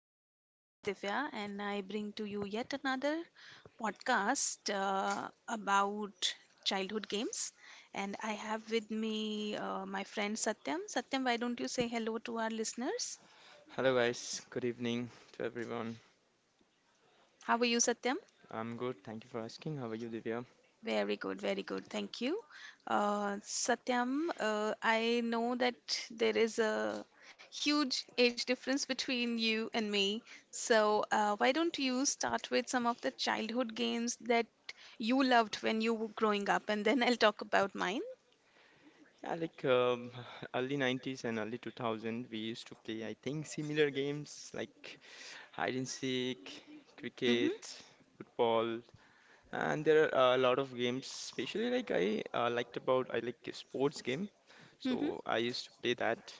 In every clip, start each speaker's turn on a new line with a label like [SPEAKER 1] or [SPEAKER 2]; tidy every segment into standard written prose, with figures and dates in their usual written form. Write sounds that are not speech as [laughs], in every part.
[SPEAKER 1] This is Divya, and I bring to you yet another podcast about childhood games. And I have with me my friend Satyam. Satyam, why don't you say hello to our listeners?
[SPEAKER 2] Hello guys, good evening to everyone.
[SPEAKER 1] How are you, Satyam?
[SPEAKER 2] I'm good, thank you for asking. How are you, Divya?
[SPEAKER 1] Very good, very good. Thank you. Satyam, I know that there is a huge age difference between you and me. So, why don't you start with some of the childhood games that you loved when you were growing up, and then I'll talk about mine.
[SPEAKER 2] Yeah, [laughs] early 90s and early 2000, we used to play, I think, similar games like hide and seek,
[SPEAKER 1] Mm-hmm.
[SPEAKER 2] cricket, football, and there are a lot of games. Especially like I like sports game,
[SPEAKER 1] Mm-hmm.
[SPEAKER 2] so I used to play that.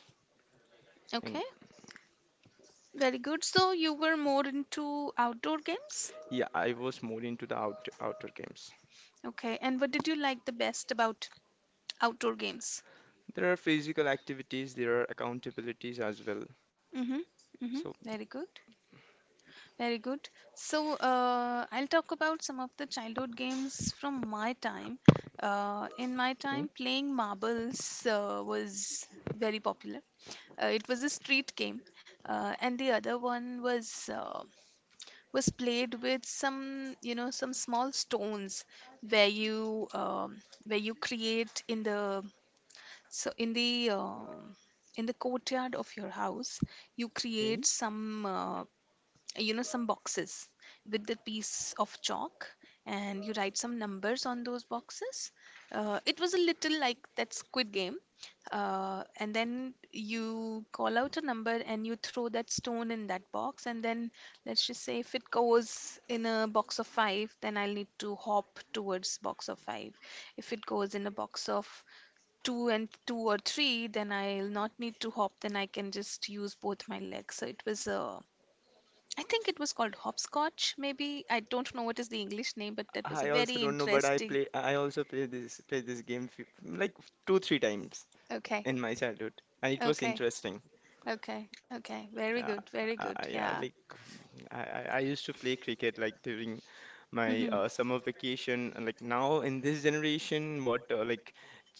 [SPEAKER 2] And
[SPEAKER 1] Okay. Very good. So, you were more into outdoor games?
[SPEAKER 2] yeah, I was more into the outdoor games.
[SPEAKER 1] Okay. And what did you like the best about outdoor games?
[SPEAKER 2] There are physical activities, there are accountabilities as well.
[SPEAKER 1] Mm-hmm. Mm-hmm.
[SPEAKER 2] So
[SPEAKER 1] Very good. Very good. So, I'll talk about some of the childhood games from my time. In my
[SPEAKER 2] okay,
[SPEAKER 1] time, playing marbles was very popular. It was a street game, and the other one was played with some, you know, some small stones where you create in the so in the um in the courtyard of your house, you
[SPEAKER 2] okay.
[SPEAKER 1] create some. You know, some boxes with the piece of chalk, and you write some numbers on those boxes. It was a little like that squid game. And then you call out a number and you throw that stone in that box, and then let's just say, if it goes in a box of five, then I'll need to hop towards box of five. If it goes in a box of two and two or three, then I'll not need to hop, then I can just use both my legs. So it was a, I think it was called hopscotch, maybe. I don't know what is the English name, but that was a
[SPEAKER 2] I also
[SPEAKER 1] very
[SPEAKER 2] don't know, but
[SPEAKER 1] interesting.
[SPEAKER 2] I also play this game few, like 2 3 times
[SPEAKER 1] Okay,
[SPEAKER 2] in my childhood, and it was
[SPEAKER 1] okay,
[SPEAKER 2] interesting.
[SPEAKER 1] okay, okay. Very
[SPEAKER 2] Uh,
[SPEAKER 1] good, very good.
[SPEAKER 2] yeah,
[SPEAKER 1] Yeah.
[SPEAKER 2] like I used to play cricket like during my
[SPEAKER 1] Mhm,
[SPEAKER 2] summer vacation. And like now in this generation, what like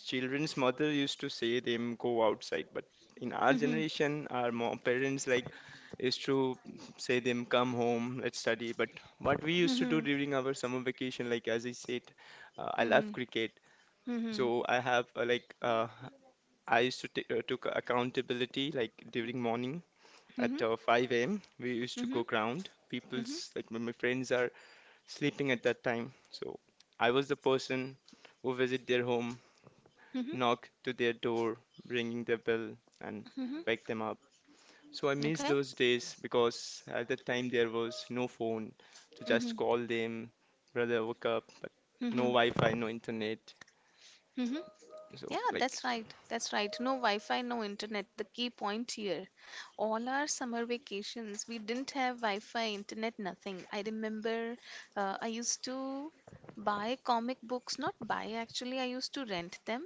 [SPEAKER 2] children's mother used to say them go outside, but in our
[SPEAKER 1] mhm,
[SPEAKER 2] generation, our mom, parents like used to say them come home, let's study. But what we used to do
[SPEAKER 1] mhm,
[SPEAKER 2] during our summer vacation, like as I said, I love
[SPEAKER 1] mhm,
[SPEAKER 2] cricket.
[SPEAKER 1] mhm,
[SPEAKER 2] So I have I used to take took accountability like during morning
[SPEAKER 1] mhm,
[SPEAKER 2] at 5 a.m. We used to
[SPEAKER 1] mhm,
[SPEAKER 2] go ground.
[SPEAKER 1] mhm,
[SPEAKER 2] People's like my friends are sleeping at that time. So I was the person who visit their home,
[SPEAKER 1] mhm,
[SPEAKER 2] knock to their door, ringing their bell and
[SPEAKER 1] mhm.
[SPEAKER 2] wake them up. So I miss
[SPEAKER 1] Okay.
[SPEAKER 2] those days because at that time there was no phone to
[SPEAKER 1] Mhm,
[SPEAKER 2] just call them, brother woke up, but no
[SPEAKER 1] mhm,
[SPEAKER 2] Wi-Fi, no internet.
[SPEAKER 1] mhm.
[SPEAKER 2] So
[SPEAKER 1] Yeah,
[SPEAKER 2] like
[SPEAKER 1] that's right. That's right. No Wi-Fi, no internet. The key point here. All our summer vacations, we didn't have Wi-Fi, internet, nothing. I remember I used to buy comic books, not buy actually, I used to rent them.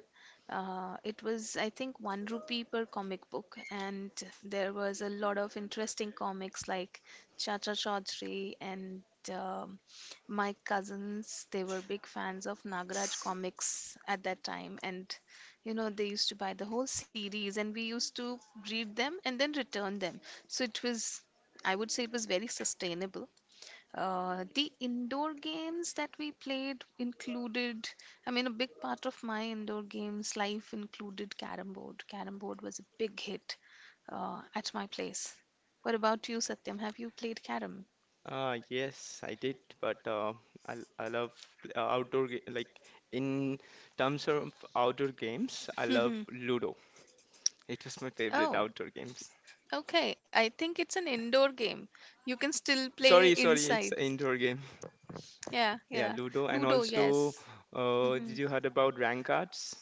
[SPEAKER 1] It was, I think, 1 rupee per comic book, and there was a lot of interesting comics like Chacha Chaudhary and um, my cousins. They were big fans of Nagaraj comics at that time, and you know, they used to buy the whole series and we used to read them and then return them. So it was, I would say, it was very sustainable. The indoor games that we played included, I mean, a big part of my indoor games life included carom board. Carom board was a big hit at my place. What about you, Satyam? Have you played carom?
[SPEAKER 2] Yes, I did, but I love like in terms of outdoor games, I love
[SPEAKER 1] [laughs]
[SPEAKER 2] Ludo. It was my favorite
[SPEAKER 1] Oh,
[SPEAKER 2] outdoor games.
[SPEAKER 1] okay, I think it's an indoor game. You can still play
[SPEAKER 2] Sorry, sorry, it's
[SPEAKER 1] inside.
[SPEAKER 2] an indoor game.
[SPEAKER 1] Yeah.
[SPEAKER 2] Yeah,
[SPEAKER 1] Yeah,
[SPEAKER 2] Ludo, and
[SPEAKER 1] Ludo,
[SPEAKER 2] also,
[SPEAKER 1] yes. Hmm.
[SPEAKER 2] did you heard about rank cards?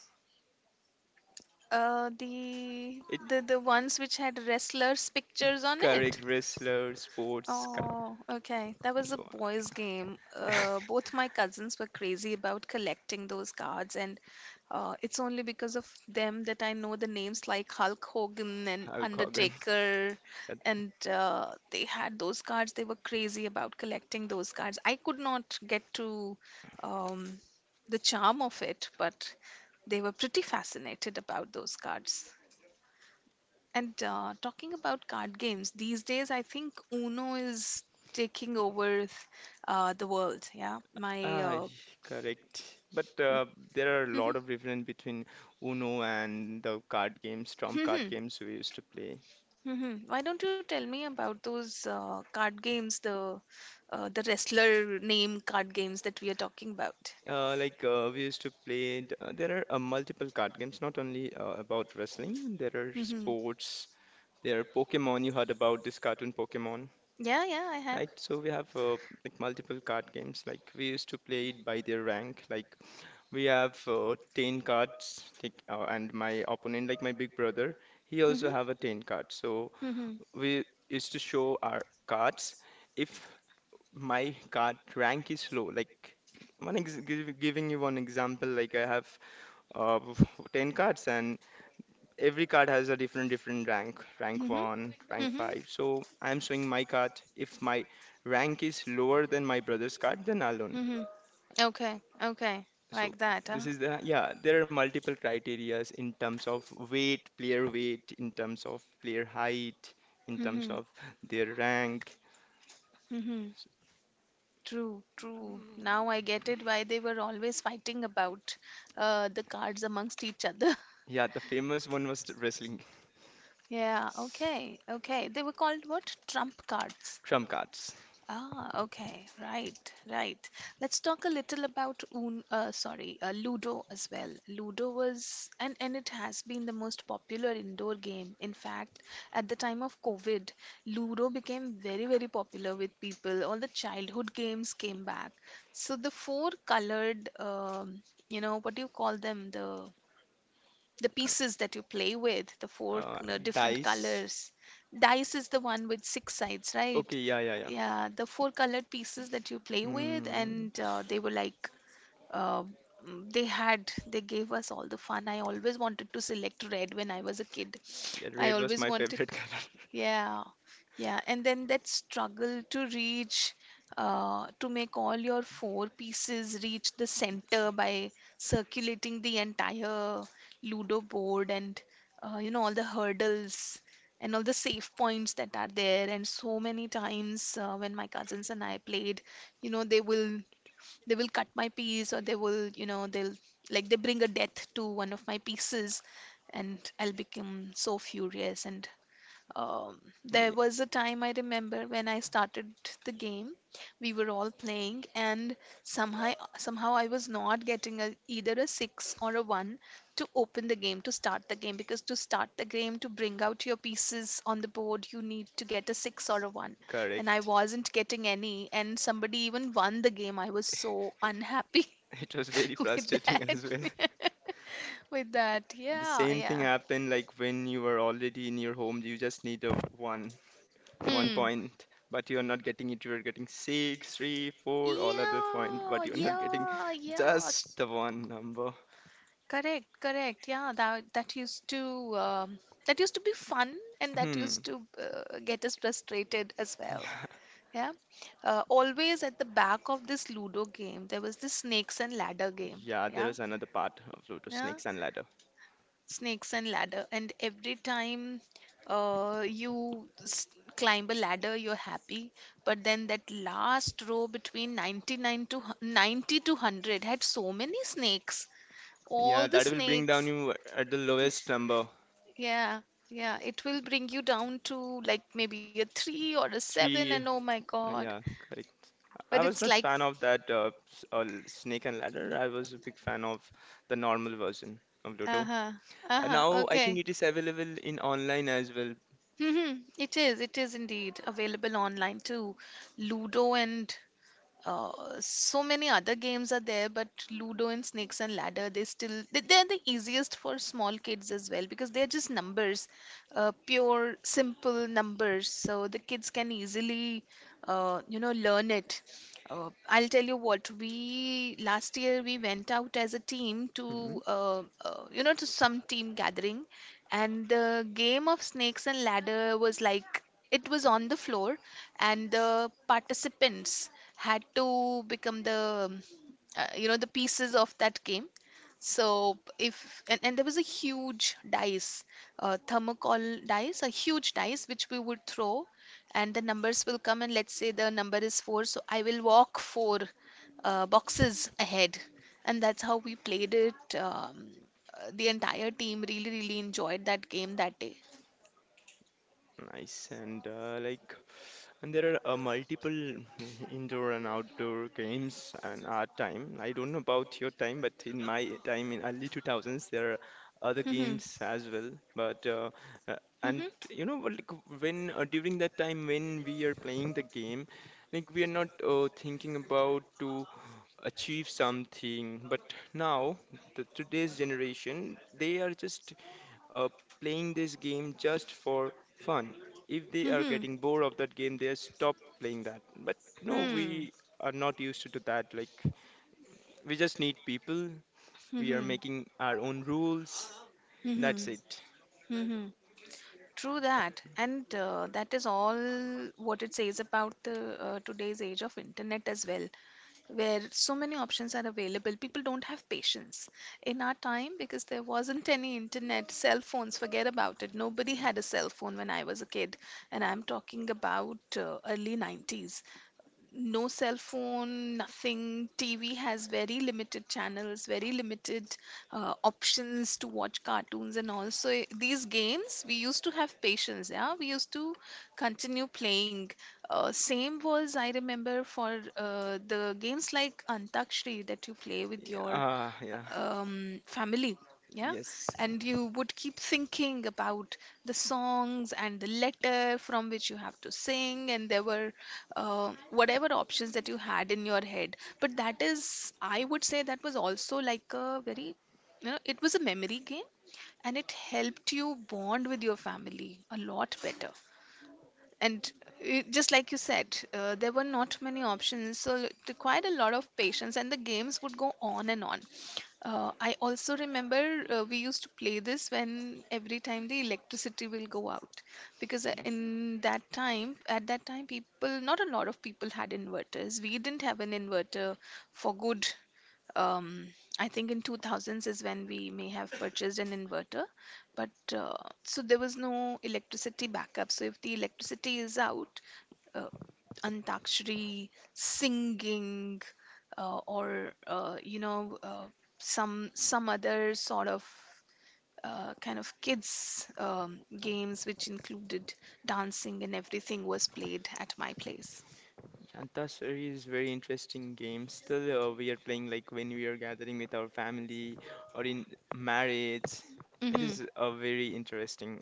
[SPEAKER 1] Uh, the
[SPEAKER 2] It
[SPEAKER 1] the ones which had wrestlers' pictures on
[SPEAKER 2] Correct,
[SPEAKER 1] it.
[SPEAKER 2] wrestler sports card.
[SPEAKER 1] Oh, okay. That was a
[SPEAKER 2] So
[SPEAKER 1] boys' game.
[SPEAKER 2] [laughs]
[SPEAKER 1] Both my cousins were crazy about collecting those cards, and it's only because of them that I know the names like Hulk Hogan and
[SPEAKER 2] Hulk Hogan.
[SPEAKER 1] Undertaker. And they had those cards. They were crazy about collecting those cards. I could not get to um, the charm of it, but they were pretty fascinated about those cards. And talking about card games, these days I think Uno is taking over the world. Yeah, my.
[SPEAKER 2] Ah, [laughs] correct. But there are a
[SPEAKER 1] [laughs]
[SPEAKER 2] lot
[SPEAKER 1] M-
[SPEAKER 2] of difference between Uno and the card games, trump card
[SPEAKER 1] Mhm,
[SPEAKER 2] games we used to play.
[SPEAKER 1] mhm. Why don't you tell me about those card games, the wrestler name card games that we are talking about?
[SPEAKER 2] We used to there are multiple card games, not only about wrestling. There are
[SPEAKER 1] [laughs] Hmm.
[SPEAKER 2] sports. There are Pokemon. You heard about this cartoon Pokemon,
[SPEAKER 1] Yeah, yeah, I have.
[SPEAKER 2] right? So we have like multiple card games. Like we used to play it by their rank. Like we have ten cards. And my opponent, like my big brother, he
[SPEAKER 1] [laughs]
[SPEAKER 2] also
[SPEAKER 1] Hmm.
[SPEAKER 2] have a ten card. So
[SPEAKER 1] Hmm.
[SPEAKER 2] we used to show our cards. If my card rank is low, giving you one example, like I have uh, [laughs] 10 cards and every card has a different rank, rank
[SPEAKER 1] Hmm.
[SPEAKER 2] 1, rank
[SPEAKER 1] Hmm.
[SPEAKER 2] 5. So I'm showing my card. If my rank is lower than my brother's card, then I'll own.
[SPEAKER 1] Hmm. Okay, okay,
[SPEAKER 2] So
[SPEAKER 1] like that, huh?
[SPEAKER 2] yeah, there are multiple criterias in terms of weight, player weight, in terms of player height, in
[SPEAKER 1] [laughs]
[SPEAKER 2] terms
[SPEAKER 1] Hmm.
[SPEAKER 2] of their rank.
[SPEAKER 1] Hmm. True, true. Now I get it why they were always fighting about the cards amongst each other. [laughs]
[SPEAKER 2] Yeah, the famous one was the wrestling.
[SPEAKER 1] Yeah,
[SPEAKER 2] S-
[SPEAKER 1] okay, okay. They were called what? Trump cards.
[SPEAKER 2] Trump cards.
[SPEAKER 1] Ah, okay, right, right. Let's talk a little about sorry, Ludo as well. Ludo was, and it has been the most popular indoor game. In fact, at the time of COVID, Ludo became very, very popular with people. All the childhood games came back. So the four colored, you know, what do you call them? The pieces that you play with, the
[SPEAKER 2] Uh,
[SPEAKER 1] four,
[SPEAKER 2] uh,
[SPEAKER 1] you know, different
[SPEAKER 2] Dice.
[SPEAKER 1] colors. Dice is the one with six sides, right?
[SPEAKER 2] Okay, yeah.
[SPEAKER 1] Yeah, the four colored pieces that you play with,
[SPEAKER 2] Mm,
[SPEAKER 1] and they were like, uh, they had, they gave us all the fun. I always wanted to select red when I was a kid.
[SPEAKER 2] yeah,
[SPEAKER 1] I
[SPEAKER 2] red was
[SPEAKER 1] always
[SPEAKER 2] my
[SPEAKER 1] wanted.
[SPEAKER 2] favorite [laughs] color.
[SPEAKER 1] Yeah, yeah, and then that struggle to reach, to make all your four pieces reach the center by circulating the entire Ludo board, and you know, all the hurdles and all the safe points that are there. And so many times when my cousins and I played, you know, they will cut my piece, or they will, you know, they'll, like, they bring a death to one of my pieces, and I'll become so furious, and
[SPEAKER 2] Mm,
[SPEAKER 1] there
[SPEAKER 2] yeah,
[SPEAKER 1] was a time I remember when I started the game. We were all playing, and somehow somehow I was not getting a, either a six or a one to open the game, to start the game, because to start the game, to bring out your pieces on the board, you need to get a six or a one, and I
[SPEAKER 2] Correct.
[SPEAKER 1] wasn't getting any, and somebody even won the game. I was so unhappy
[SPEAKER 2] It was very
[SPEAKER 1] [laughs] with
[SPEAKER 2] frustrating [laughs]
[SPEAKER 1] that.
[SPEAKER 2] as well.
[SPEAKER 1] [laughs] with that,
[SPEAKER 2] The
[SPEAKER 1] yeah,
[SPEAKER 2] same thing
[SPEAKER 1] yeah.
[SPEAKER 2] happened like when you were already in your home, you just need one
[SPEAKER 1] Hmm.
[SPEAKER 2] point, but you're not getting it. You're getting six, three, four, all other point, but
[SPEAKER 1] Yeah,
[SPEAKER 2] you're not getting
[SPEAKER 1] yeah, yeah.
[SPEAKER 2] just the one number.
[SPEAKER 1] Correct, correct. Yeah, um, that used to be fun, and that
[SPEAKER 2] Hmm.
[SPEAKER 1] used to get us frustrated as well.
[SPEAKER 2] [laughs]
[SPEAKER 1] Yeah. Always at the back of this Ludo game, there was this snakes and ladder game.
[SPEAKER 2] Yeah, there
[SPEAKER 1] Yeah,
[SPEAKER 2] was another part of Lotus
[SPEAKER 1] yeah.
[SPEAKER 2] Snakes and Ladders.
[SPEAKER 1] Snakes and ladder, and every time uh, you s- climb a ladder, you're happy. But then that last row between 99 to 90 to 100 had so many snakes.
[SPEAKER 2] Yeah,
[SPEAKER 1] All the
[SPEAKER 2] that will bring down
[SPEAKER 1] snakes.
[SPEAKER 2] you at the lowest number.
[SPEAKER 1] Yeah, yeah. It will bring you down to like maybe a three or a seven, and
[SPEAKER 2] Three,
[SPEAKER 1] oh my God.
[SPEAKER 2] yeah, correct. I
[SPEAKER 1] But
[SPEAKER 2] was
[SPEAKER 1] it's
[SPEAKER 2] not
[SPEAKER 1] like,
[SPEAKER 2] fan of that snake and ladder. I was a big fan of the normal version of Ludo.
[SPEAKER 1] uh-huh, uh-huh,
[SPEAKER 2] Now I think
[SPEAKER 1] okay.
[SPEAKER 2] it
[SPEAKER 1] [laughs]
[SPEAKER 2] is available in online as well.
[SPEAKER 1] Mhm. It is indeed available online too. Ludo and uh, so many other games are there, but Ludo and Snakes and Ladder, they still the easiest for small kids as well, because they're just numbers, pure simple numbers. So the kids can easily, you know, learn it. I'll tell you what, we last year we went out as a team
[SPEAKER 2] Hmm.
[SPEAKER 1] to, you know, to some team gathering, and the game of Snakes and Ladder was like, it was on the floor, and the participants had to become the you know, the pieces of that game. So if and, and there was a huge dice, thermocol dice, a huge dice which we would throw, and the numbers will come, and let's say the number is 4, so I will walk 4 boxes ahead, and that's how we played it. The entire team really really enjoyed that game that day.
[SPEAKER 2] Nice. And there are multiple indoor and outdoor games and our time. I don't know about your time, but in my time in early 2000s, there are other
[SPEAKER 1] Hmm.
[SPEAKER 2] games as well. But uh, and
[SPEAKER 1] Hmm.
[SPEAKER 2] you know, what, like when during that time when we are playing the game, like we are not thinking about to achieve something. But now the today's generation, they are just uh, playing this game just for fun. If they are
[SPEAKER 1] Hmm.
[SPEAKER 2] getting bored of that game, they stop playing that. But no,
[SPEAKER 1] Hmm.
[SPEAKER 2] we are not used to do that. Like we just need people. We are
[SPEAKER 1] Hmm.
[SPEAKER 2] making our own rules.
[SPEAKER 1] Hmm.
[SPEAKER 2] That's it.
[SPEAKER 1] Hmm. True that, and that is all what it says about the today's age of internet as well, where so many options are available. People don't have patience. In our time, because there wasn't any internet, cell phones, forget about it. Nobody had a cell phone when I was a kid, and I'm talking about early 90s. No cell phone, nothing. TV has very limited channels, very limited options to watch cartoons, and also these games, we used to have patience. Yeah, we used to continue playing. Same was I remember for the games like Antakshri that you play with
[SPEAKER 2] Yeah,
[SPEAKER 1] your
[SPEAKER 2] uh, yeah,
[SPEAKER 1] family. Yeah,
[SPEAKER 2] yes.
[SPEAKER 1] and you would keep thinking about the songs and the letter from which you have to sing, and there were whatever options that you had in your head. But that is, I would say, that was also like a very, you know, it was a memory game, and it helped you bond with your family a lot better. And just like you said, there were not many options, so it required a lot of patience, and the games would go on and on. I also remember we used to play this when every time the electricity will go out, because in that time at that time, people, not a lot of people had inverters. We didn't have an inverter for good. um, I think in 2000s is when we may have purchased an inverter, but so there was no electricity backup. So if the electricity is out, uh, antakshari, singing, or some other sort of kind of kids games which included dancing and everything was played at my place.
[SPEAKER 2] Antasari is very interesting game. Still, we are playing like when we are gathering with our family or in marriage. It
[SPEAKER 1] Hmm.
[SPEAKER 2] is a very interesting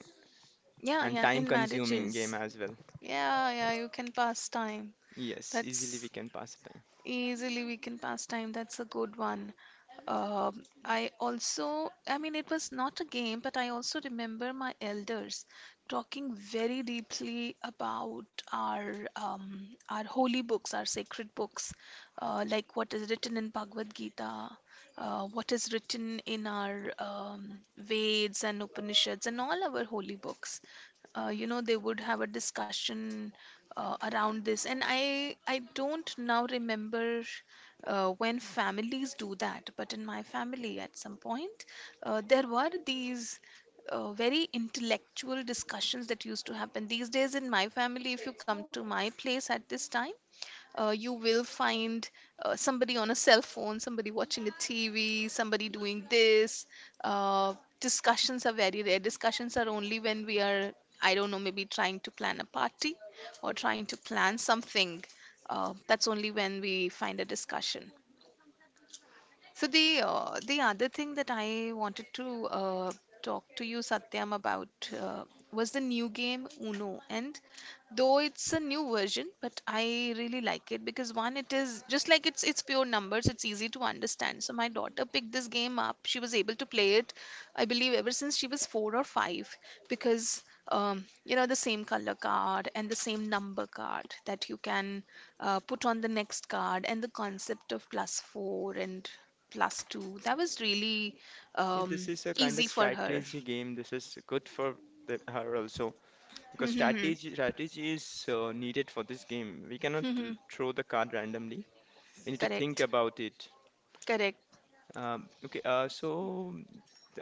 [SPEAKER 1] Yeah,
[SPEAKER 2] and
[SPEAKER 1] yeah, in
[SPEAKER 2] time-consuming game
[SPEAKER 1] marriages.
[SPEAKER 2] as well.
[SPEAKER 1] Yeah, yeah, you can pass time.
[SPEAKER 2] Yes, easily we
[SPEAKER 1] That's
[SPEAKER 2] can pass the time.
[SPEAKER 1] Easily we can pass time. That's a good one. I also, I mean, it was not a game, but I also remember my elders talking very deeply about our holy books, our sacred books, like what is written in Bhagavad Gita, what is written in our Veds and Upanishads and all our holy books, you know they would have a discussion around this. And I don't now remember when families do that, but in my family at some point there were these very intellectual discussions that used to happen. These days in my family, if you come to my place at this time, you will find somebody on a cell phone, somebody watching a TV, somebody doing this. Uh, Discussions are very rare. Discussions are only when we are, I don't know, maybe trying to plan a party or trying to plan something. That's only when we find a discussion. So the other thing that I wanted to talk to you, Satyam, about was the new game Uno. And though it's a new version, but I really like it because one, it is just like it's pure numbers. It's easy to understand. So my daughter picked this game up. She was able to play it, I believe, ever since she was four or five, because you know the same color card and the same number card that you can put on the next card and the concept of plus four and plus two. That was really
[SPEAKER 2] Yeah,
[SPEAKER 1] um,
[SPEAKER 2] this is a kind of
[SPEAKER 1] easy for her.
[SPEAKER 2] strategy game. This is good for the, her also because
[SPEAKER 1] Mm-hmm.
[SPEAKER 2] strategy is needed for this game. We cannot
[SPEAKER 1] Mm-hmm.
[SPEAKER 2] throw the card randomly. We need to think
[SPEAKER 1] Correct.
[SPEAKER 2] about it.
[SPEAKER 1] Correct.
[SPEAKER 2] Okay, uh, so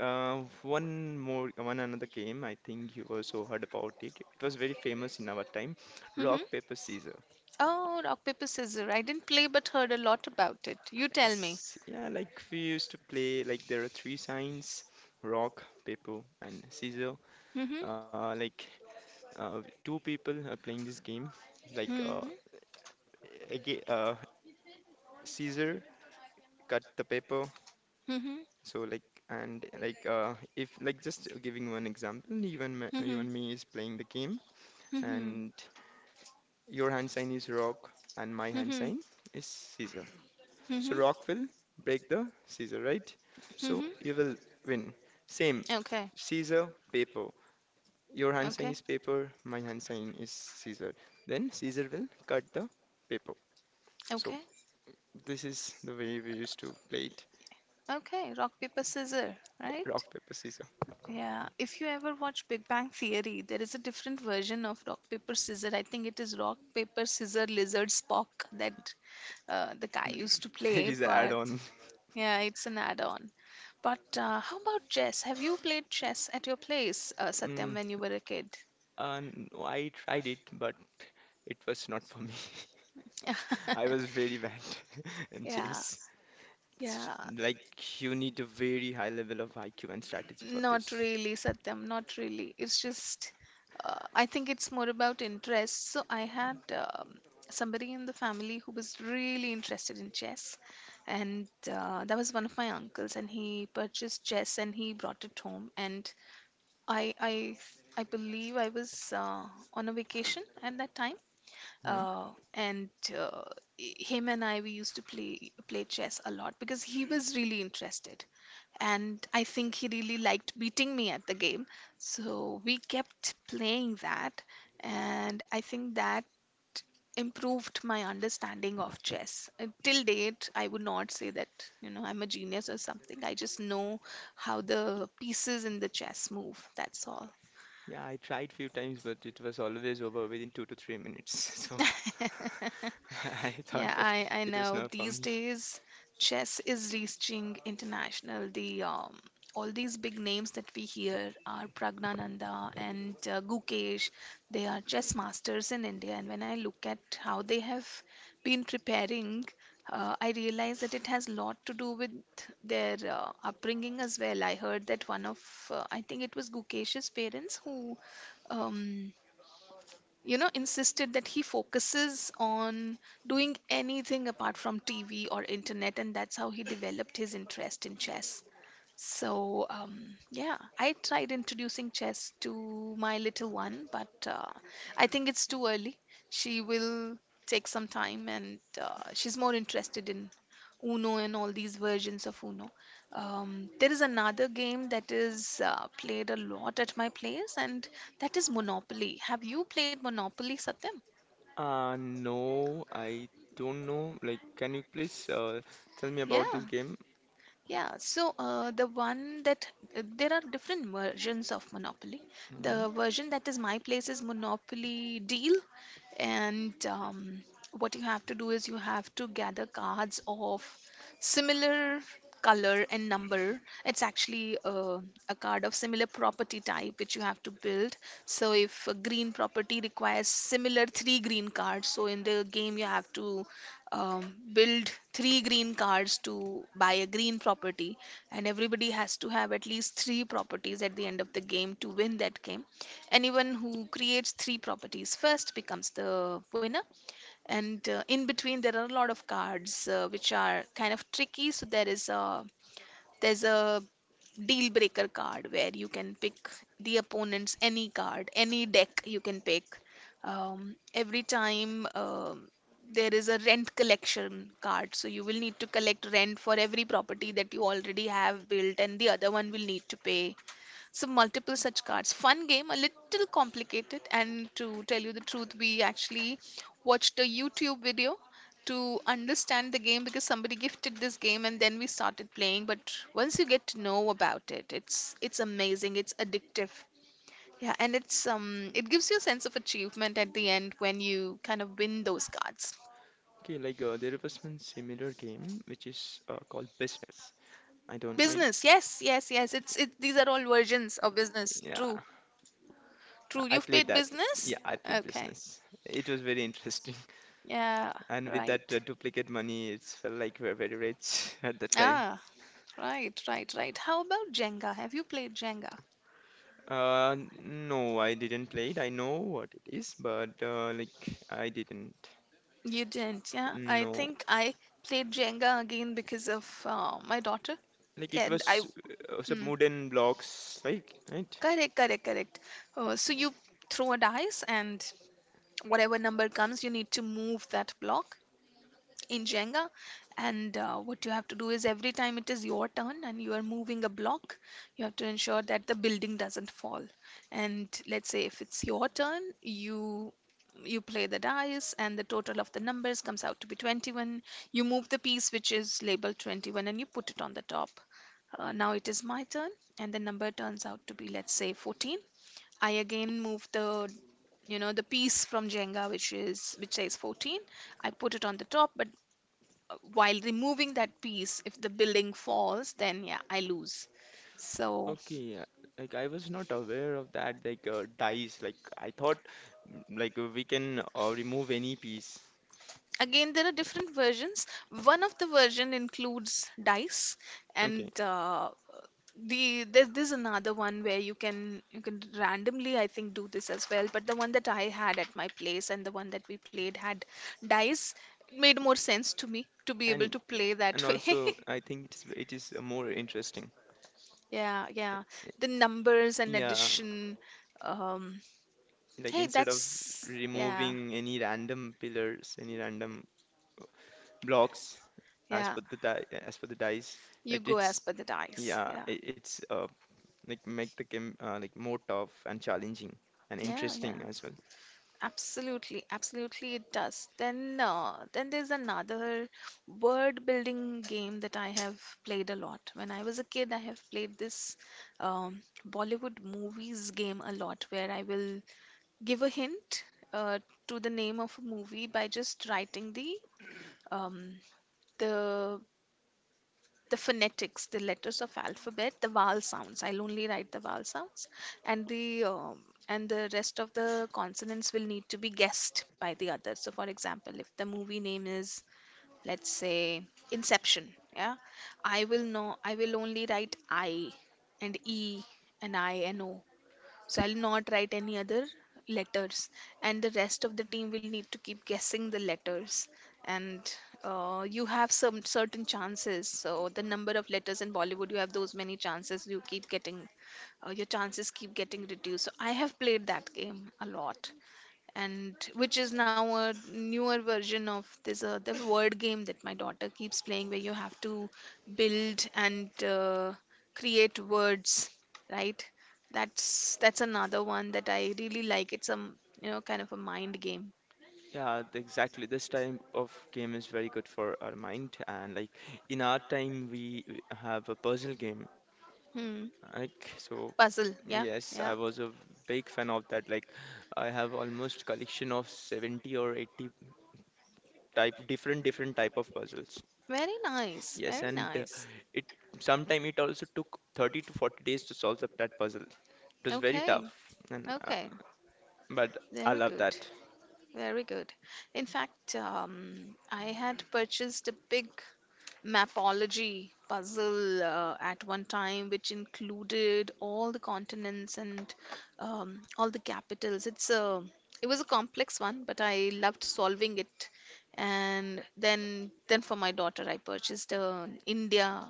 [SPEAKER 2] uh, one more one another game. I think you also heard about it. It was very famous in our time.
[SPEAKER 1] Mm-hmm.
[SPEAKER 2] Rock paper scissor.
[SPEAKER 1] Oh, rock, paper, scissors. I didn't play but heard a lot about it. You tell me.
[SPEAKER 2] Yes, yeah, like we used to play. Like there are three signs: rock, paper, and scissor.
[SPEAKER 1] Mm-hmm.
[SPEAKER 2] Uh, like Two people are playing this game. It's Like
[SPEAKER 1] Mm-hmm.
[SPEAKER 2] again, uh, Caesar cut the paper.
[SPEAKER 1] Mm-hmm.
[SPEAKER 2] So like and like if like just giving one example,
[SPEAKER 1] Mm-hmm.
[SPEAKER 2] even me is playing the game,
[SPEAKER 1] Mm-hmm.
[SPEAKER 2] and your hand sign is rock, and my hand
[SPEAKER 1] Mm-hmm.
[SPEAKER 2] sign is Caesar. So
[SPEAKER 1] Mm-hmm.
[SPEAKER 2] rock will break the Caesar, right? So
[SPEAKER 1] Mm-hmm.
[SPEAKER 2] you will win. Same,
[SPEAKER 1] Okay.
[SPEAKER 2] Caesar paper. Your hand sign
[SPEAKER 1] Okay.
[SPEAKER 2] is paper, my hand sign is Caesar. Then Caesar will cut the paper.
[SPEAKER 1] Okay.
[SPEAKER 2] So this is the way we used to play it.
[SPEAKER 1] Okay. Rock, paper, scissors. Right?
[SPEAKER 2] Rock, paper, scissors.
[SPEAKER 1] Yeah, if you ever watch Big Bang Theory, there is a different version of rock paper scissor. I think it is rock paper scissor lizard Spock that the guy used to
[SPEAKER 2] [laughs] There
[SPEAKER 1] play,
[SPEAKER 2] is an
[SPEAKER 1] but
[SPEAKER 2] add-on.
[SPEAKER 1] yeah, it's an add-on. But how about chess? Have you played chess at your place,
[SPEAKER 2] Mm,
[SPEAKER 1] Satyam, when you were a kid?
[SPEAKER 2] no, I tried it, but it was not for me.
[SPEAKER 1] [laughs]
[SPEAKER 2] [laughs] I was very bad [laughs] in
[SPEAKER 1] Yeah,
[SPEAKER 2] chess. It's
[SPEAKER 1] yeah.
[SPEAKER 2] like you need a very high level of IQ and strategy for
[SPEAKER 1] Not
[SPEAKER 2] this.
[SPEAKER 1] really, Satyam, not really. It's just, I think it's more about interest. So I had somebody in the family who was really interested in chess, and that was one of my uncles, and he purchased chess and he brought it home. And I, I, I believe I was on a vacation at that time,
[SPEAKER 2] Hmm?
[SPEAKER 1] and uh, him and I, we used to play chess a lot because he was really interested, and I think he really liked beating me at the game. So we kept playing that, and I think that improved my understanding of chess. Till date, I would not say that, you know, I'm a genius or something. I just know how the pieces in the chess move. That's all.
[SPEAKER 2] Yeah, I tried few times, but it was always over within 2 to 3 minutes. [laughs] So
[SPEAKER 1] [laughs]
[SPEAKER 2] [laughs] I thought
[SPEAKER 1] Yeah,
[SPEAKER 2] that
[SPEAKER 1] I
[SPEAKER 2] it was
[SPEAKER 1] know.
[SPEAKER 2] not for
[SPEAKER 1] These
[SPEAKER 2] me.
[SPEAKER 1] days, chess is reaching international. The all these big names that we hear are Pragnananda and Gukesh. They are chess masters in India, and when I look at how they have been preparing, I realize that it has a lot to do with their upbringing as well. I heard that one of, I think it was Gukesh's parents who um, you know, insisted that he focuses on doing anything apart from TV or internet, and that's how he developed his interest in chess. So, yeah, I tried introducing chess to my little one, but I think it's too early. She will take some time, and she's more interested in Uno and all these versions of Uno. There is another game that is played a lot at my place, and that is Monopoly. Have you played Monopoly, Satyam?
[SPEAKER 2] No, I don't know. Like, can you please tell me about
[SPEAKER 1] Yeah.
[SPEAKER 2] this game?
[SPEAKER 1] Yeah, so the one that there are different versions of Monopoly. The
[SPEAKER 2] Mm.
[SPEAKER 1] version that is my place is Monopoly Deal, and what you have to do is you have to gather cards of similar color and number. It's actually a card of similar property type which you have to build. So if a green property requires similar three green cards, so in the game you have to build three green cards to buy a green property, and everybody has to have at least three properties at the end of the game to win that game. Anyone who creates three properties first becomes the winner. And in between there are a lot of cards which are kind of tricky. So there is a there's a deal breaker card where you can pick the opponent's any card, any deck you can pick. Every time there is a rent collection card, so you will need to collect rent for every property that you already have built, and the other one will need to pay. So multiple such cards. Fun game, a little complicated. And to tell you the truth, we actually watched a YouTube video to understand the game because somebody gifted this game and then we started playing. But once you get to know about it, it's amazing. It's addictive. Yeah, and it's it gives you a sense of achievement at the end when you kind of win those cards.
[SPEAKER 2] Okay, there was one similar game which is called Business. I don't know.
[SPEAKER 1] Business, yes, yes, yes. It's it. These are all versions of business.
[SPEAKER 2] Yeah,
[SPEAKER 1] True, true.
[SPEAKER 2] I
[SPEAKER 1] You've
[SPEAKER 2] played
[SPEAKER 1] played
[SPEAKER 2] that. Yeah,
[SPEAKER 1] business.
[SPEAKER 2] I played
[SPEAKER 1] Okay.
[SPEAKER 2] Business. It was very interesting. [laughs]
[SPEAKER 1] Yeah,
[SPEAKER 2] And with that
[SPEAKER 1] right.
[SPEAKER 2] duplicate money, it felt like we we're very rich [laughs] at that time.
[SPEAKER 1] Ah, right, right, right. How about Jenga? Have you played Jenga?
[SPEAKER 2] Uh, no, I didn't play it. I know what it is, but I didn't.
[SPEAKER 1] You didn't, yeah? I
[SPEAKER 2] No.
[SPEAKER 1] think I played Jenga again because of my daughter,
[SPEAKER 2] Like it
[SPEAKER 1] and I.
[SPEAKER 2] was some
[SPEAKER 1] Hmm,
[SPEAKER 2] wooden blocks, like right?
[SPEAKER 1] correct, correct, correct. So you throw a dice, and whatever number comes, you need to move that block in Jenga. And what you have to do is every time it is your turn and you are moving a block, you have to ensure that the building doesn't fall. And let's say if it's your turn, you play the dice and the total of the numbers comes out to be 21. You move the piece which is labeled 21 and you put it on the top. Now it is my turn and the number turns out to be let's say 14. I again move the the piece from Jenga which is which says 14. I put it on the top, but while removing that piece if the building falls, then yeah, I lose. So
[SPEAKER 2] Okay, yeah. Like I was not aware of that. Dice. Like I thought, we can remove any piece.
[SPEAKER 1] again there are different versions. One of the version includes dice,
[SPEAKER 2] Okay,
[SPEAKER 1] and there's another one where you can randomly I think do this as well, but the one that I had at my place and the one that we played had dice. It made more sense to me to be
[SPEAKER 2] and
[SPEAKER 1] able to
[SPEAKER 2] it,
[SPEAKER 1] play
[SPEAKER 2] and
[SPEAKER 1] that way.
[SPEAKER 2] also I think it is more interesting.
[SPEAKER 1] [laughs] Yeah, yeah,
[SPEAKER 2] Y-
[SPEAKER 1] the numbers and
[SPEAKER 2] Yeah,
[SPEAKER 1] addition. um
[SPEAKER 2] like
[SPEAKER 1] Hey,
[SPEAKER 2] instead of
[SPEAKER 1] that's yeah,
[SPEAKER 2] removing any random pillars, any random blocks, as
[SPEAKER 1] yeah.
[SPEAKER 2] per as per the dice,
[SPEAKER 1] You
[SPEAKER 2] like
[SPEAKER 1] go
[SPEAKER 2] it's
[SPEAKER 1] as per the dice.
[SPEAKER 2] yeah,
[SPEAKER 1] Yeah,
[SPEAKER 2] I- it's like make the game like more tough and challenging and
[SPEAKER 1] yeah, yeah.
[SPEAKER 2] interesting as well.
[SPEAKER 1] Absolutely, absolutely, it does. Then there's another word building game that I have played a lot. When I was a kid, I have played this um, Bollywood movies game a lot, where I will give a hint uh, to the name of a movie by just writing the um, the the phonetics, the letters of alphabet, the vowel sounds. I'll only write the vowel sounds, and the rest of the consonants will need to be guessed by the other. So, for example, if the movie name is, let's say, Inception, yeah, I will know. I will only write I and E and I and O, so I'll not write any other letters, and the rest of the team will need to keep guessing the letters. And you have some certain chances. So the number of letters in Bollywood, you have those many chances. You keep getting your chances keep getting reduced. So I have played that game a lot, and which is now a newer version of this the word game that my daughter keeps playing where you have to build and create words, right? That's another one that I really like. It's a you know kind of a mind game.
[SPEAKER 2] Yeah, exactly. This type of game is very good for our mind, and like in our time we have a puzzle game.
[SPEAKER 1] Hmm.
[SPEAKER 2] Like so,
[SPEAKER 1] Puzzle, yeah,
[SPEAKER 2] yes, I
[SPEAKER 1] yeah.
[SPEAKER 2] was a big fan of that. Like I have almost collection of 70 or 80 type different type of puzzles.
[SPEAKER 1] Very nice,
[SPEAKER 2] Yes,
[SPEAKER 1] very
[SPEAKER 2] and
[SPEAKER 1] nice.
[SPEAKER 2] it sometime it also took 30 to 40 days to solve that puzzle. It was very
[SPEAKER 1] Okay,
[SPEAKER 2] tough and
[SPEAKER 1] okay.
[SPEAKER 2] but I
[SPEAKER 1] Very
[SPEAKER 2] love
[SPEAKER 1] good,
[SPEAKER 2] that.
[SPEAKER 1] very good. In fact, I had purchased a big mapology puzzle at one time, which included all the continents and all the capitals. It was a complex one, but I loved solving it. And then for my daughter, I purchased an India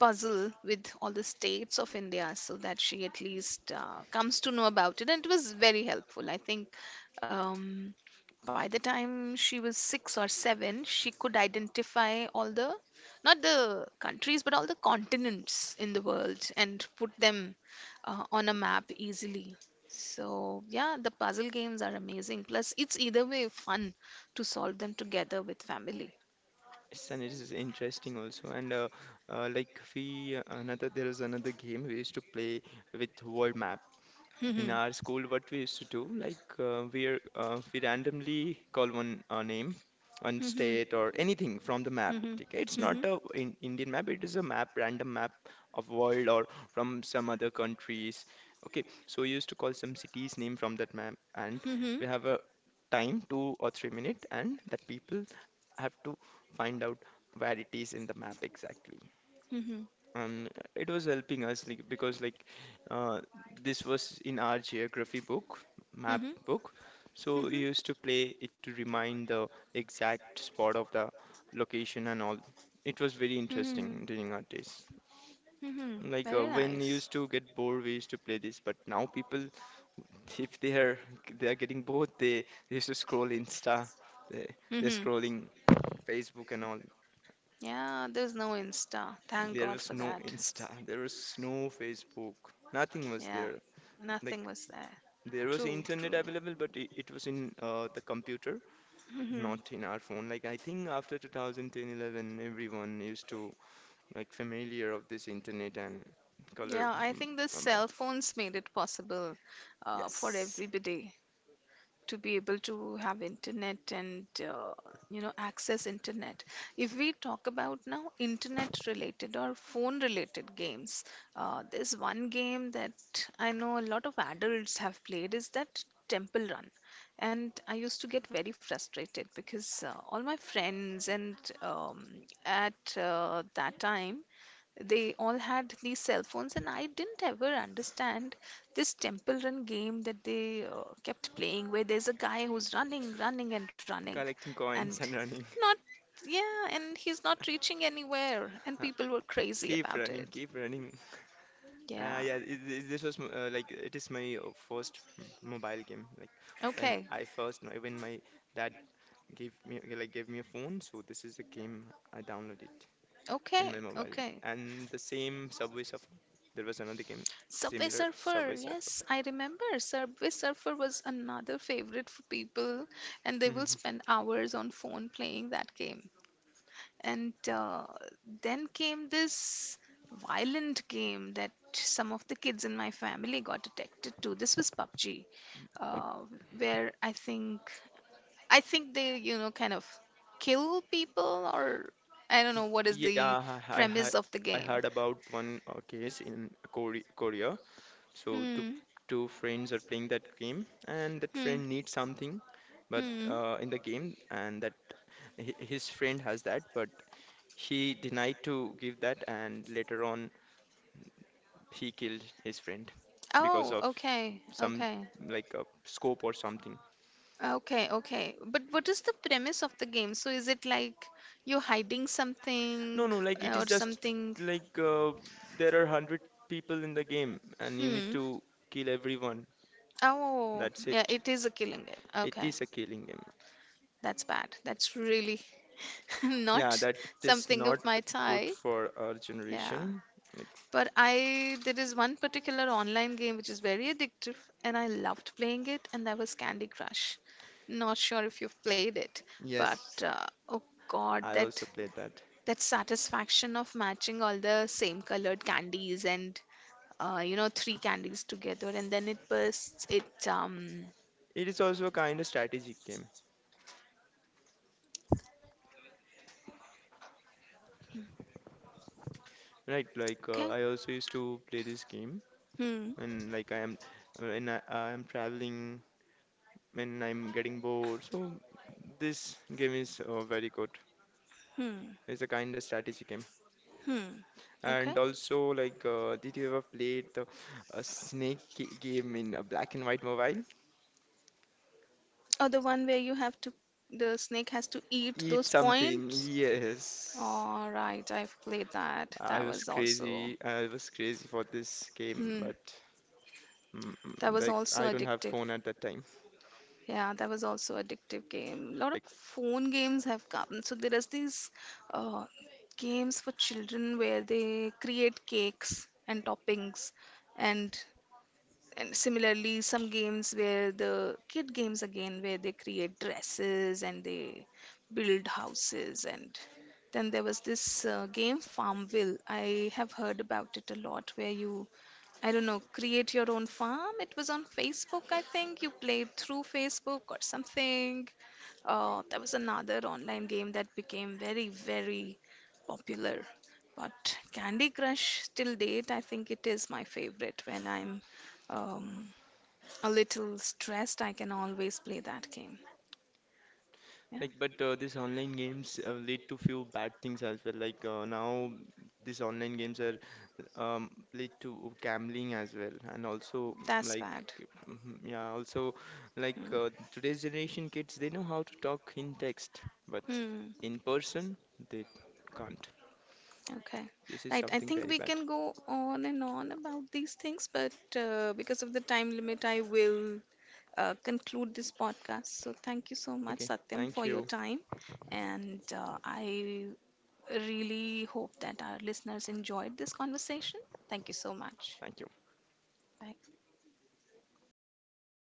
[SPEAKER 1] puzzle with all the states of India so that she at least comes to know about it. And it was very helpful. I think um, by the time she was six or seven, she could identify all the, not the countries, but all the continents in the world and put them on a map easily. So, yeah, the puzzle games are amazing. Plus, it's either way fun to solve them together with family.
[SPEAKER 2] Yes, and it is interesting also. And like we Another there is another game we used to play with world map. In our
[SPEAKER 1] [laughs]
[SPEAKER 2] school, what we used to do, we randomly call one name, one
[SPEAKER 1] Mm-hmm.
[SPEAKER 2] state or anything from the map.
[SPEAKER 1] Mm-hmm.
[SPEAKER 2] Okay, it's not
[SPEAKER 1] Mm-hmm.
[SPEAKER 2] a in Indian map. It is a map, random map of world or from some other countries. Okay, so we used to call some cities name from that map, and we
[SPEAKER 1] Mm-hmm.
[SPEAKER 2] have a time, 2 or 3 minute, and that people have to find out where it is in the map exactly.
[SPEAKER 1] Mm-hmm.
[SPEAKER 2] And it was helping us like because like uh, this was in our geography book, map
[SPEAKER 1] Mm-hmm.
[SPEAKER 2] book. So we
[SPEAKER 1] Mm-hmm.
[SPEAKER 2] used to play it to remind the exact spot of the location and all. It was very
[SPEAKER 1] Mm-hmm.
[SPEAKER 2] interesting during our days.
[SPEAKER 1] Mm-hmm. Very
[SPEAKER 2] When we
[SPEAKER 1] nice.
[SPEAKER 2] used to get bored, we used to play this. But now people, [laughs] if they are getting bored, they used to scroll Insta. They, they're
[SPEAKER 1] Mm-hmm.
[SPEAKER 2] scrolling Facebook and all.
[SPEAKER 1] Yeah, there's no Insta. Thank
[SPEAKER 2] There
[SPEAKER 1] God
[SPEAKER 2] was
[SPEAKER 1] for
[SPEAKER 2] no
[SPEAKER 1] that.
[SPEAKER 2] Insta. [laughs] There was no Facebook. Nothing was
[SPEAKER 1] Yeah,
[SPEAKER 2] there.
[SPEAKER 1] nothing
[SPEAKER 2] Like
[SPEAKER 1] was there.
[SPEAKER 2] there was
[SPEAKER 1] True,
[SPEAKER 2] internet
[SPEAKER 1] true.
[SPEAKER 2] available, but it was in the computer,
[SPEAKER 1] Mm-hmm.
[SPEAKER 2] not in our phone. Like I think after 2010, 11, everyone used to like familiar of this internet and color
[SPEAKER 1] Yeah, I
[SPEAKER 2] m-
[SPEAKER 1] think the
[SPEAKER 2] mobile.
[SPEAKER 1] cell phones made it possible for
[SPEAKER 2] Yes,
[SPEAKER 1] everybody to be able to have internet and you know access internet. If we talk about now internet related or phone related games, there's one game that I know a lot of adults have played is that Temple Run, and I used to get very frustrated because all my friends and um, at that time they all had these cell phones, and I didn't ever understand this Temple Run game that they kept playing, where there's a guy who's running, running, and running,
[SPEAKER 2] collecting
[SPEAKER 1] and
[SPEAKER 2] coins and running.
[SPEAKER 1] not, yeah, and he's not reaching anywhere, and people were
[SPEAKER 2] [laughs]
[SPEAKER 1] crazy
[SPEAKER 2] Keep
[SPEAKER 1] about
[SPEAKER 2] running,
[SPEAKER 1] it.
[SPEAKER 2] keep running.
[SPEAKER 1] Yeah.
[SPEAKER 2] Yeah, this was it is my first mobile game. Like when
[SPEAKER 1] Okay.
[SPEAKER 2] I first when my dad gave me a phone, so this is the game I downloaded in
[SPEAKER 1] Okay.
[SPEAKER 2] my mobile.
[SPEAKER 1] Okay.
[SPEAKER 2] And the same Subway Surfer. There was another game
[SPEAKER 1] Subway
[SPEAKER 2] similar Subway
[SPEAKER 1] Surfer.
[SPEAKER 2] Surfer.
[SPEAKER 1] Yes, I remember. Subway Surfer was another favorite for people, and they will
[SPEAKER 2] Mhm.
[SPEAKER 1] spend hours on phone playing that game. And then came this violent game that some of the kids in my family got addicted to. This was PUBG, uh, where I think they, you know, kind of kill people, or I don't
[SPEAKER 2] Y-
[SPEAKER 1] know what is the
[SPEAKER 2] Yeah,
[SPEAKER 1] premise of the
[SPEAKER 2] I heard
[SPEAKER 1] game.
[SPEAKER 2] about one case in Korea. So
[SPEAKER 1] Hmm.
[SPEAKER 2] two friends are playing that game, and that
[SPEAKER 1] Hmm.
[SPEAKER 2] friend needs something, but
[SPEAKER 1] Hmm.
[SPEAKER 2] in the game, and that his friend has that, but he denied to give that, and later on he killed his friend because
[SPEAKER 1] Oh,
[SPEAKER 2] of
[SPEAKER 1] okay.
[SPEAKER 2] some
[SPEAKER 1] Okay.
[SPEAKER 2] like a scope or something.
[SPEAKER 1] Okay. Okay. But what is the premise of the game? So is it like you're hiding
[SPEAKER 2] No,
[SPEAKER 1] something
[SPEAKER 2] no, like it
[SPEAKER 1] or
[SPEAKER 2] is just
[SPEAKER 1] something?
[SPEAKER 2] like uh, there are 100 people in the game and you need
[SPEAKER 1] Hmm.
[SPEAKER 2] to kill everyone.
[SPEAKER 1] Oh,
[SPEAKER 2] That's
[SPEAKER 1] yeah,
[SPEAKER 2] it.
[SPEAKER 1] it is a killing game.
[SPEAKER 2] It
[SPEAKER 1] Okay,
[SPEAKER 2] is a killing game.
[SPEAKER 1] that's bad. That's really [laughs]
[SPEAKER 2] Yeah,
[SPEAKER 1] not
[SPEAKER 2] that is
[SPEAKER 1] something
[SPEAKER 2] not
[SPEAKER 1] of my
[SPEAKER 2] good
[SPEAKER 1] type.
[SPEAKER 2] for our
[SPEAKER 1] Yeah.
[SPEAKER 2] generation. Like,
[SPEAKER 1] There is one particular online game which is very addictive and I loved playing it, and that was Candy Crush. Not sure if you've played it, but
[SPEAKER 2] yes,
[SPEAKER 1] oh God,
[SPEAKER 2] I
[SPEAKER 1] that
[SPEAKER 2] also played that.
[SPEAKER 1] that satisfaction of matching all the same colored candies and you know, three candies together and then it bursts, it
[SPEAKER 2] It is also a kind of strategic game, right?
[SPEAKER 1] okay.
[SPEAKER 2] I also used to play this game
[SPEAKER 1] Hmm.
[SPEAKER 2] when like I am when I am traveling, when I'm getting bored. So this game is very good.
[SPEAKER 1] Hmm.
[SPEAKER 2] It's a kind of strategy game.
[SPEAKER 1] Hmm.
[SPEAKER 2] And
[SPEAKER 1] Okay.
[SPEAKER 2] also, like, did you ever played the snake game in a black and white mobile?
[SPEAKER 1] Or the one where the snake has to eat
[SPEAKER 2] Eat
[SPEAKER 1] those
[SPEAKER 2] something.
[SPEAKER 1] points.
[SPEAKER 2] Yes,
[SPEAKER 1] All right, I've played that.
[SPEAKER 2] I
[SPEAKER 1] That
[SPEAKER 2] was
[SPEAKER 1] was also,
[SPEAKER 2] crazy. I was crazy for this game,
[SPEAKER 1] hmm,
[SPEAKER 2] but
[SPEAKER 1] that was also
[SPEAKER 2] I don't have
[SPEAKER 1] addictive.
[SPEAKER 2] phone at that time.
[SPEAKER 1] Yeah, that was also addictive game. A lot of
[SPEAKER 2] Like,
[SPEAKER 1] phone games have come. So there is these uh, games for children where they create cakes and toppings, and and similarly some games where the kid games again where they create dresses and they build houses. And then there was this game Farmville. I have heard about it a lot where you, I don't know, create your own farm. It was on Facebook, I think. You played through Facebook or something. That was another online game that became very, very popular. But Candy Crush, till date, I think it is my favorite. When I'm um, a little stressed, I can always play that game. Yeah,
[SPEAKER 2] but these online games lead to few bad things as well. Now, these online games are um lead to gambling as well, and also
[SPEAKER 1] that's
[SPEAKER 2] like
[SPEAKER 1] bad.
[SPEAKER 2] mhm, yeah also like
[SPEAKER 1] Hmm.
[SPEAKER 2] today's generation kids they know how to talk in text but
[SPEAKER 1] Hmm.
[SPEAKER 2] in person they can't.
[SPEAKER 1] Okay.
[SPEAKER 2] This is
[SPEAKER 1] Right. I
[SPEAKER 2] something
[SPEAKER 1] think
[SPEAKER 2] very
[SPEAKER 1] we
[SPEAKER 2] bad.
[SPEAKER 1] can go on and on about these things, but because of the time limit, I will conclude this podcast. So, thank you so much,
[SPEAKER 2] Okay,
[SPEAKER 1] Satyam,
[SPEAKER 2] thank
[SPEAKER 1] for your
[SPEAKER 2] you.
[SPEAKER 1] time. And I really hope that our listeners enjoyed this conversation. Thank you so much.
[SPEAKER 2] Thank you.
[SPEAKER 1] Bye.